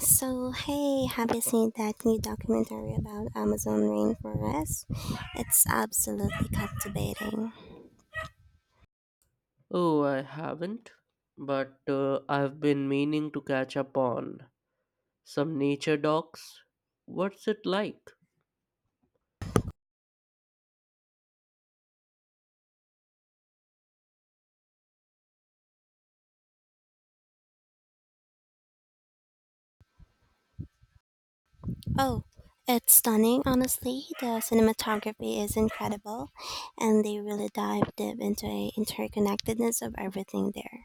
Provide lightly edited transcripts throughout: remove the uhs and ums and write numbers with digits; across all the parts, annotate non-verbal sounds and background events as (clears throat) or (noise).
So, hey, have you seen that new documentary about Amazon rainforest? It's absolutely captivating. Oh, I haven't, but I've been meaning to catch up on some nature docs. What's it like? Oh, it's stunning, honestly. The cinematography is incredible, and they really dive deep into the interconnectedness of everything there.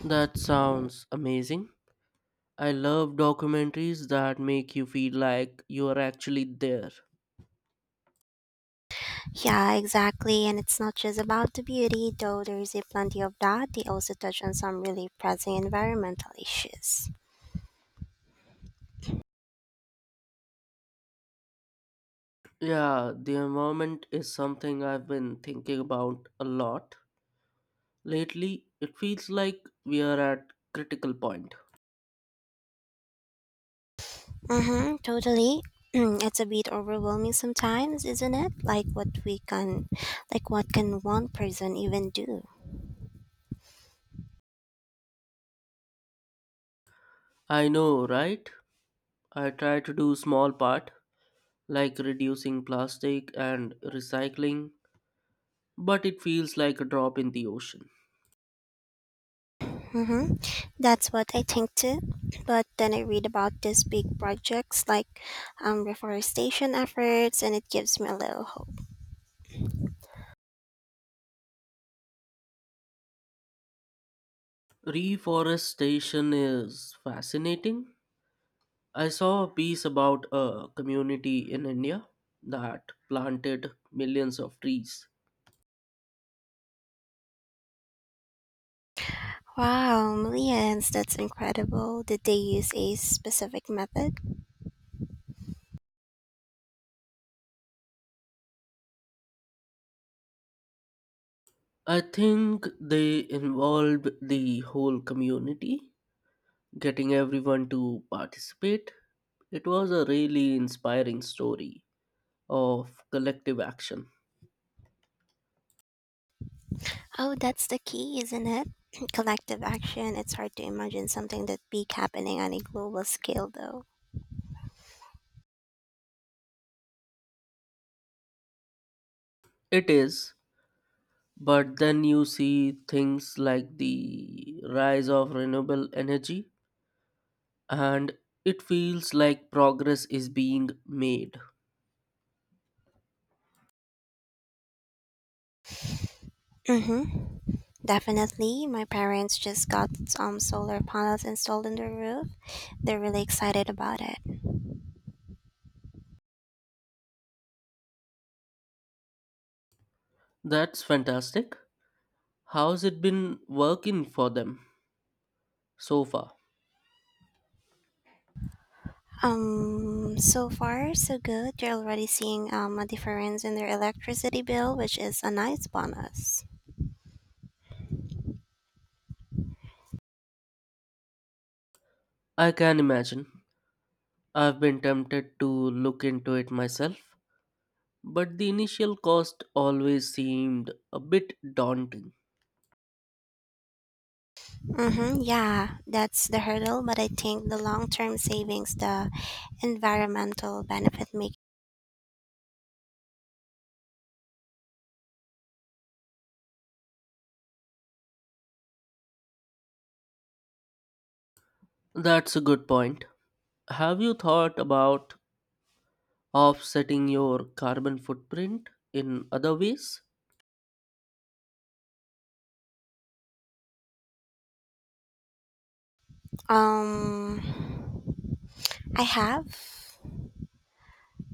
That sounds amazing. I love documentaries that make you feel like you are actually there. Yeah, exactly. And it's not just about the beauty, though there is a plenty of that. They also touch on some really pressing environmental issues. Yeah, the environment is something I've been thinking about a lot. Lately, it feels like we are at critical point. Mm-hmm, totally. (clears throat) It's a bit overwhelming sometimes, isn't it? Like what can one person even do? I know, right? I try to do small part like reducing plastic and recycling, but it feels like a drop in the ocean. Mm-hmm. That's what I think too. But then I read about these big projects like reforestation efforts, and it gives me a little hope. Reforestation is fascinating. I saw a piece about a community in India that planted millions of trees. Wow, millions! That's incredible. Did they use a specific method? I think they involved the whole community, getting everyone to participate. It was a really inspiring story of collective action. Oh, that's the key, isn't it? (clears throat) Collective action. It's hard to imagine something that big happening on a global scale, though. It is, but then you see things like the rise of renewable energy and it feels like progress is being made. Mm-hmm. Definitely, my parents just got some solar panels installed on the roof. They're really excited about it. That's fantastic. How's it been working for them so far? So far so good. They're already seeing a difference in their electricity bill, which is a nice bonus. I can imagine. I've been tempted to look into it myself, but the initial cost always seemed a bit daunting. Mm-hmm, yeah, that's the hurdle, but I think the long-term savings, the environmental benefit make. That's a good point. Have you thought about offsetting your carbon footprint in other ways? Um, I have.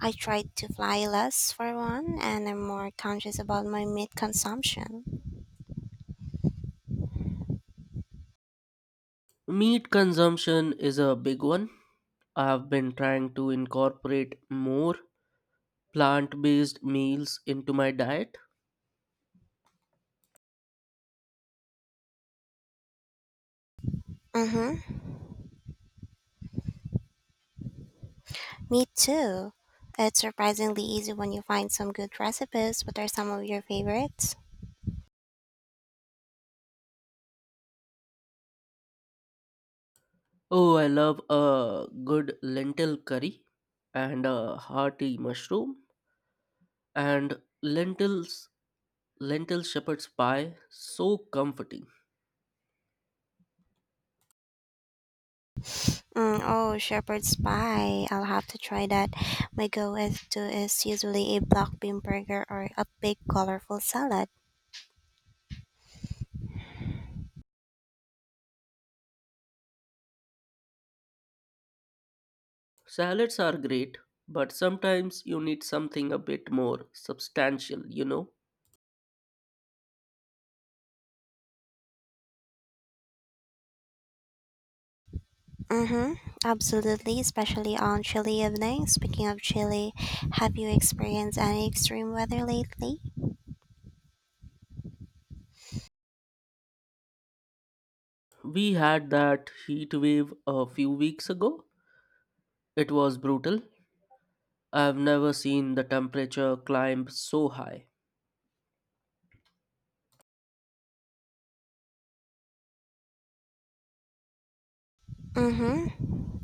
I tried to fly less for one, and I'm more conscious about my meat consumption. Meat consumption is a big one. I've been trying to incorporate more plant based meals into my diet. Mm-hmm. Me too. It's surprisingly easy when you find some good recipes. What are some of your favorites? Oh, I love a good lentil curry and a hearty mushroom and lentil shepherd's pie. So comforting. Mm, oh, shepherd's pie. I'll have to try that. My go-to is usually a black bean burger or a big colorful salad. Salads are great, but sometimes you need something a bit more substantial. Mm-hmm. Absolutely, especially on chilly evenings. Speaking of chilly, have you experienced any extreme weather lately? We had that heat wave a few weeks ago. It was brutal. I've never seen the temperature climb so high. Mm-hmm.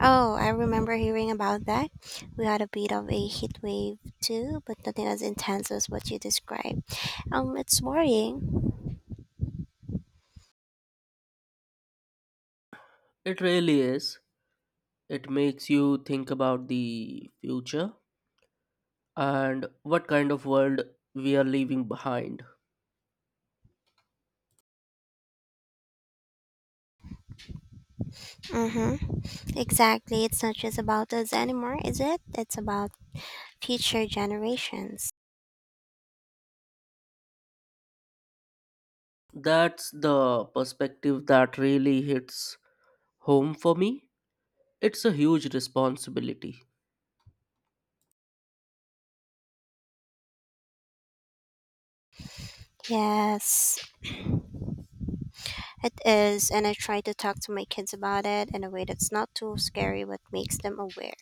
Oh, I remember hearing about that. We had a bit of a heat wave too, but nothing as intense as what you described. It's worrying. It really is. It makes you think about the future and what kind of world we are leaving behind. Mm-hmm. Exactly. It's not just about us anymore, is it? It's about future generations. That's the perspective that really hits home for me. It's a huge responsibility. Yes, it is, and I try to talk to my kids about it in a way that's not too scary but makes them aware.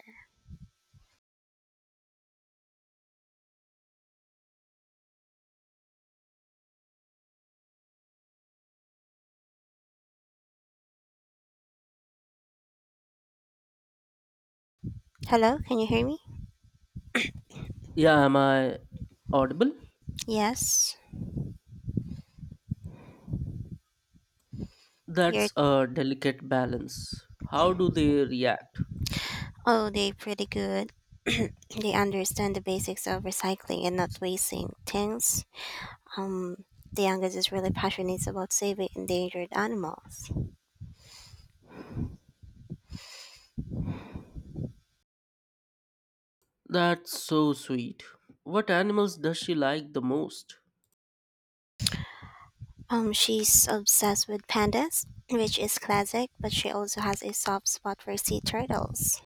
Hello, can you hear me? Yeah, am I audible? Yes. You're That's a delicate balance. How do they react? Oh, they pretty good. (clears throat) They understand the basics of recycling and not wasting things. Um, the youngest is really passionate about saving endangered animals. That's so sweet. What animals does she like the most? She's obsessed with pandas, which is classic, but she also has a soft spot for sea turtles.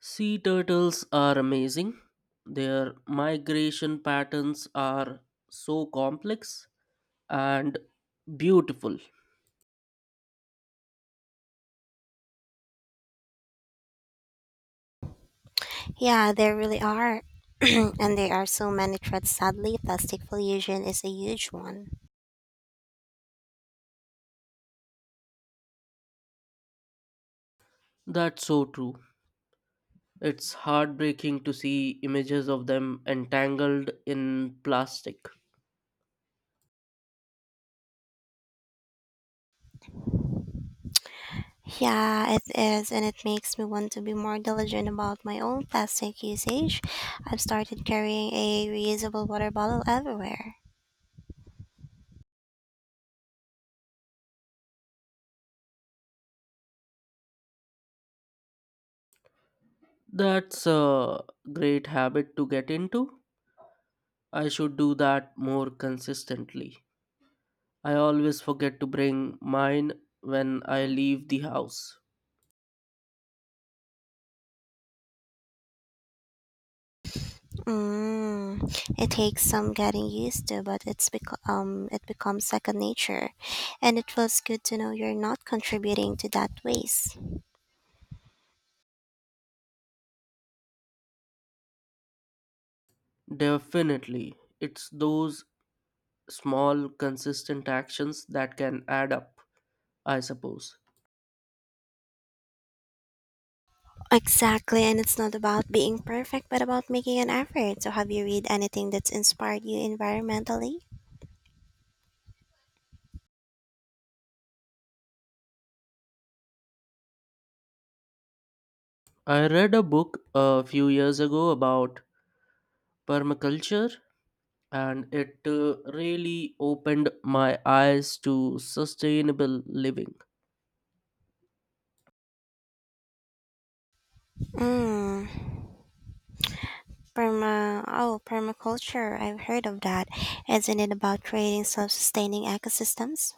Sea turtles are amazing. Their migration patterns are so complex and beautiful. Yeah, there really are. (clears throat) And there are so many threats. Sadly, plastic pollution is a huge one. That's so true. It's heartbreaking to see images of them entangled in plastic. Yeah, it is, and it makes me want to be more diligent about my own plastic usage. I've started carrying a reusable water bottle everywhere. That's a great habit to get into. I should do that more consistently. I always forget to bring mine when I leave the house. Mm, it takes some getting used to, but it becomes second nature, and it feels good to know you're not contributing to that waste. Definitely. It's those small, consistent actions that can add up, I suppose. Exactly, and it's not about being perfect, but about making an effort. So, have you read anything that's inspired you environmentally? I read a book a few years ago about permaculture, and it really opened my eyes to sustainable living. Mm. Oh, permaculture. I've heard of that. Isn't it about creating self-sustaining ecosystems?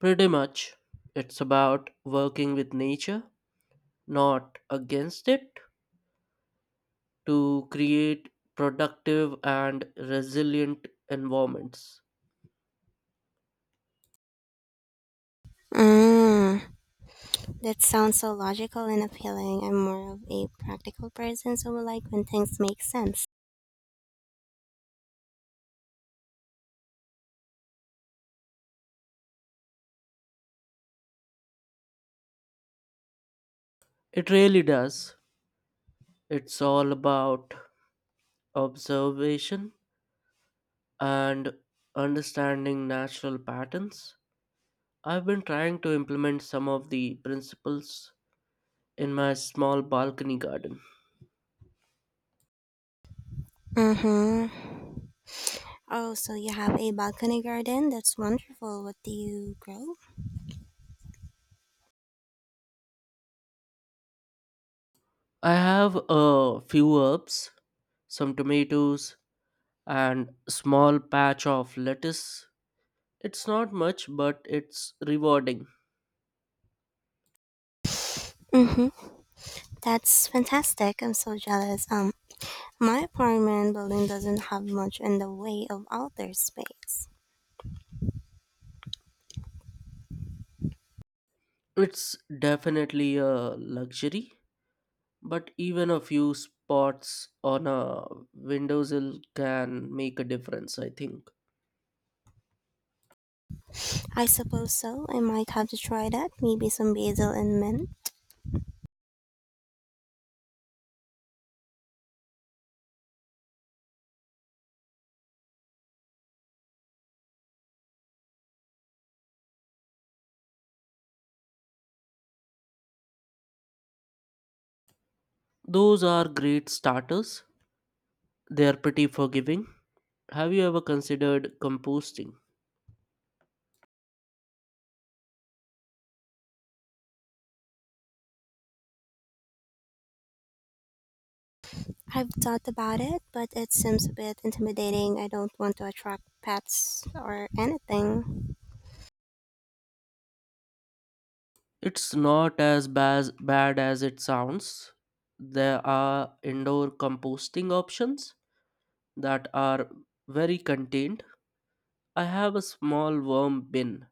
Pretty much, it's about working with nature, not against it, to create productive and resilient environments. Mm, that sounds so logical and appealing. I'm more of a practical person, so I like when things make sense. It really does. It's all about observation and understanding natural patterns. I've been trying to implement some of the principles in my small balcony garden. Mm-hmm. Oh, so you have a balcony garden? That's wonderful. What do you grow? I have a few herbs, some tomatoes, and small patch of lettuce. It's not much, but it's rewarding. Mm-hmm. That's fantastic. I'm so jealous. My apartment building doesn't have much in the way of outdoor space. It's definitely a luxury, but even a few spots on a windowsill can make a difference, I think. I suppose so. I might have to try that. Maybe some basil and mint. Those are great starters. They are pretty forgiving. Have you ever considered composting? I've thought about it, but it seems a bit intimidating. I don't want to attract pets or anything. It's not as bad as it sounds. There are indoor composting options that are very contained. I have a small worm bin.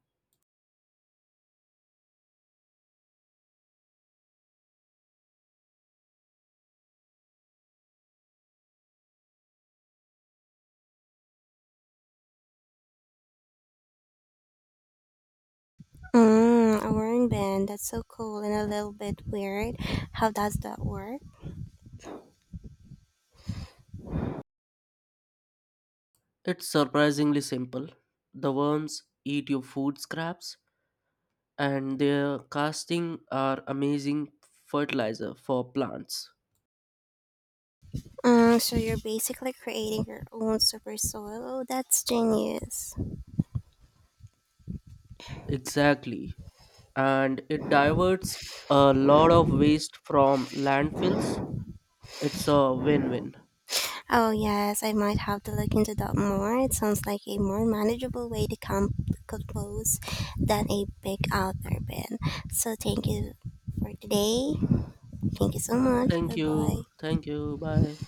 Mm, a wearing band. That's so cool and a little bit weird. How does that work? It's surprisingly simple. The worms eat your food scraps, and their casting are amazing fertilizer for plants. Mm, so you're basically creating your own super soil. Oh, that's genius. Exactly. And it diverts a lot of waste from landfills. It's a win win. Oh, yes, I might have to look into that more. It sounds like a more manageable way to compose than a big outdoor bin. So, thank you for today. Thank you so much. Bye Thank you. bye. Thank you. Bye.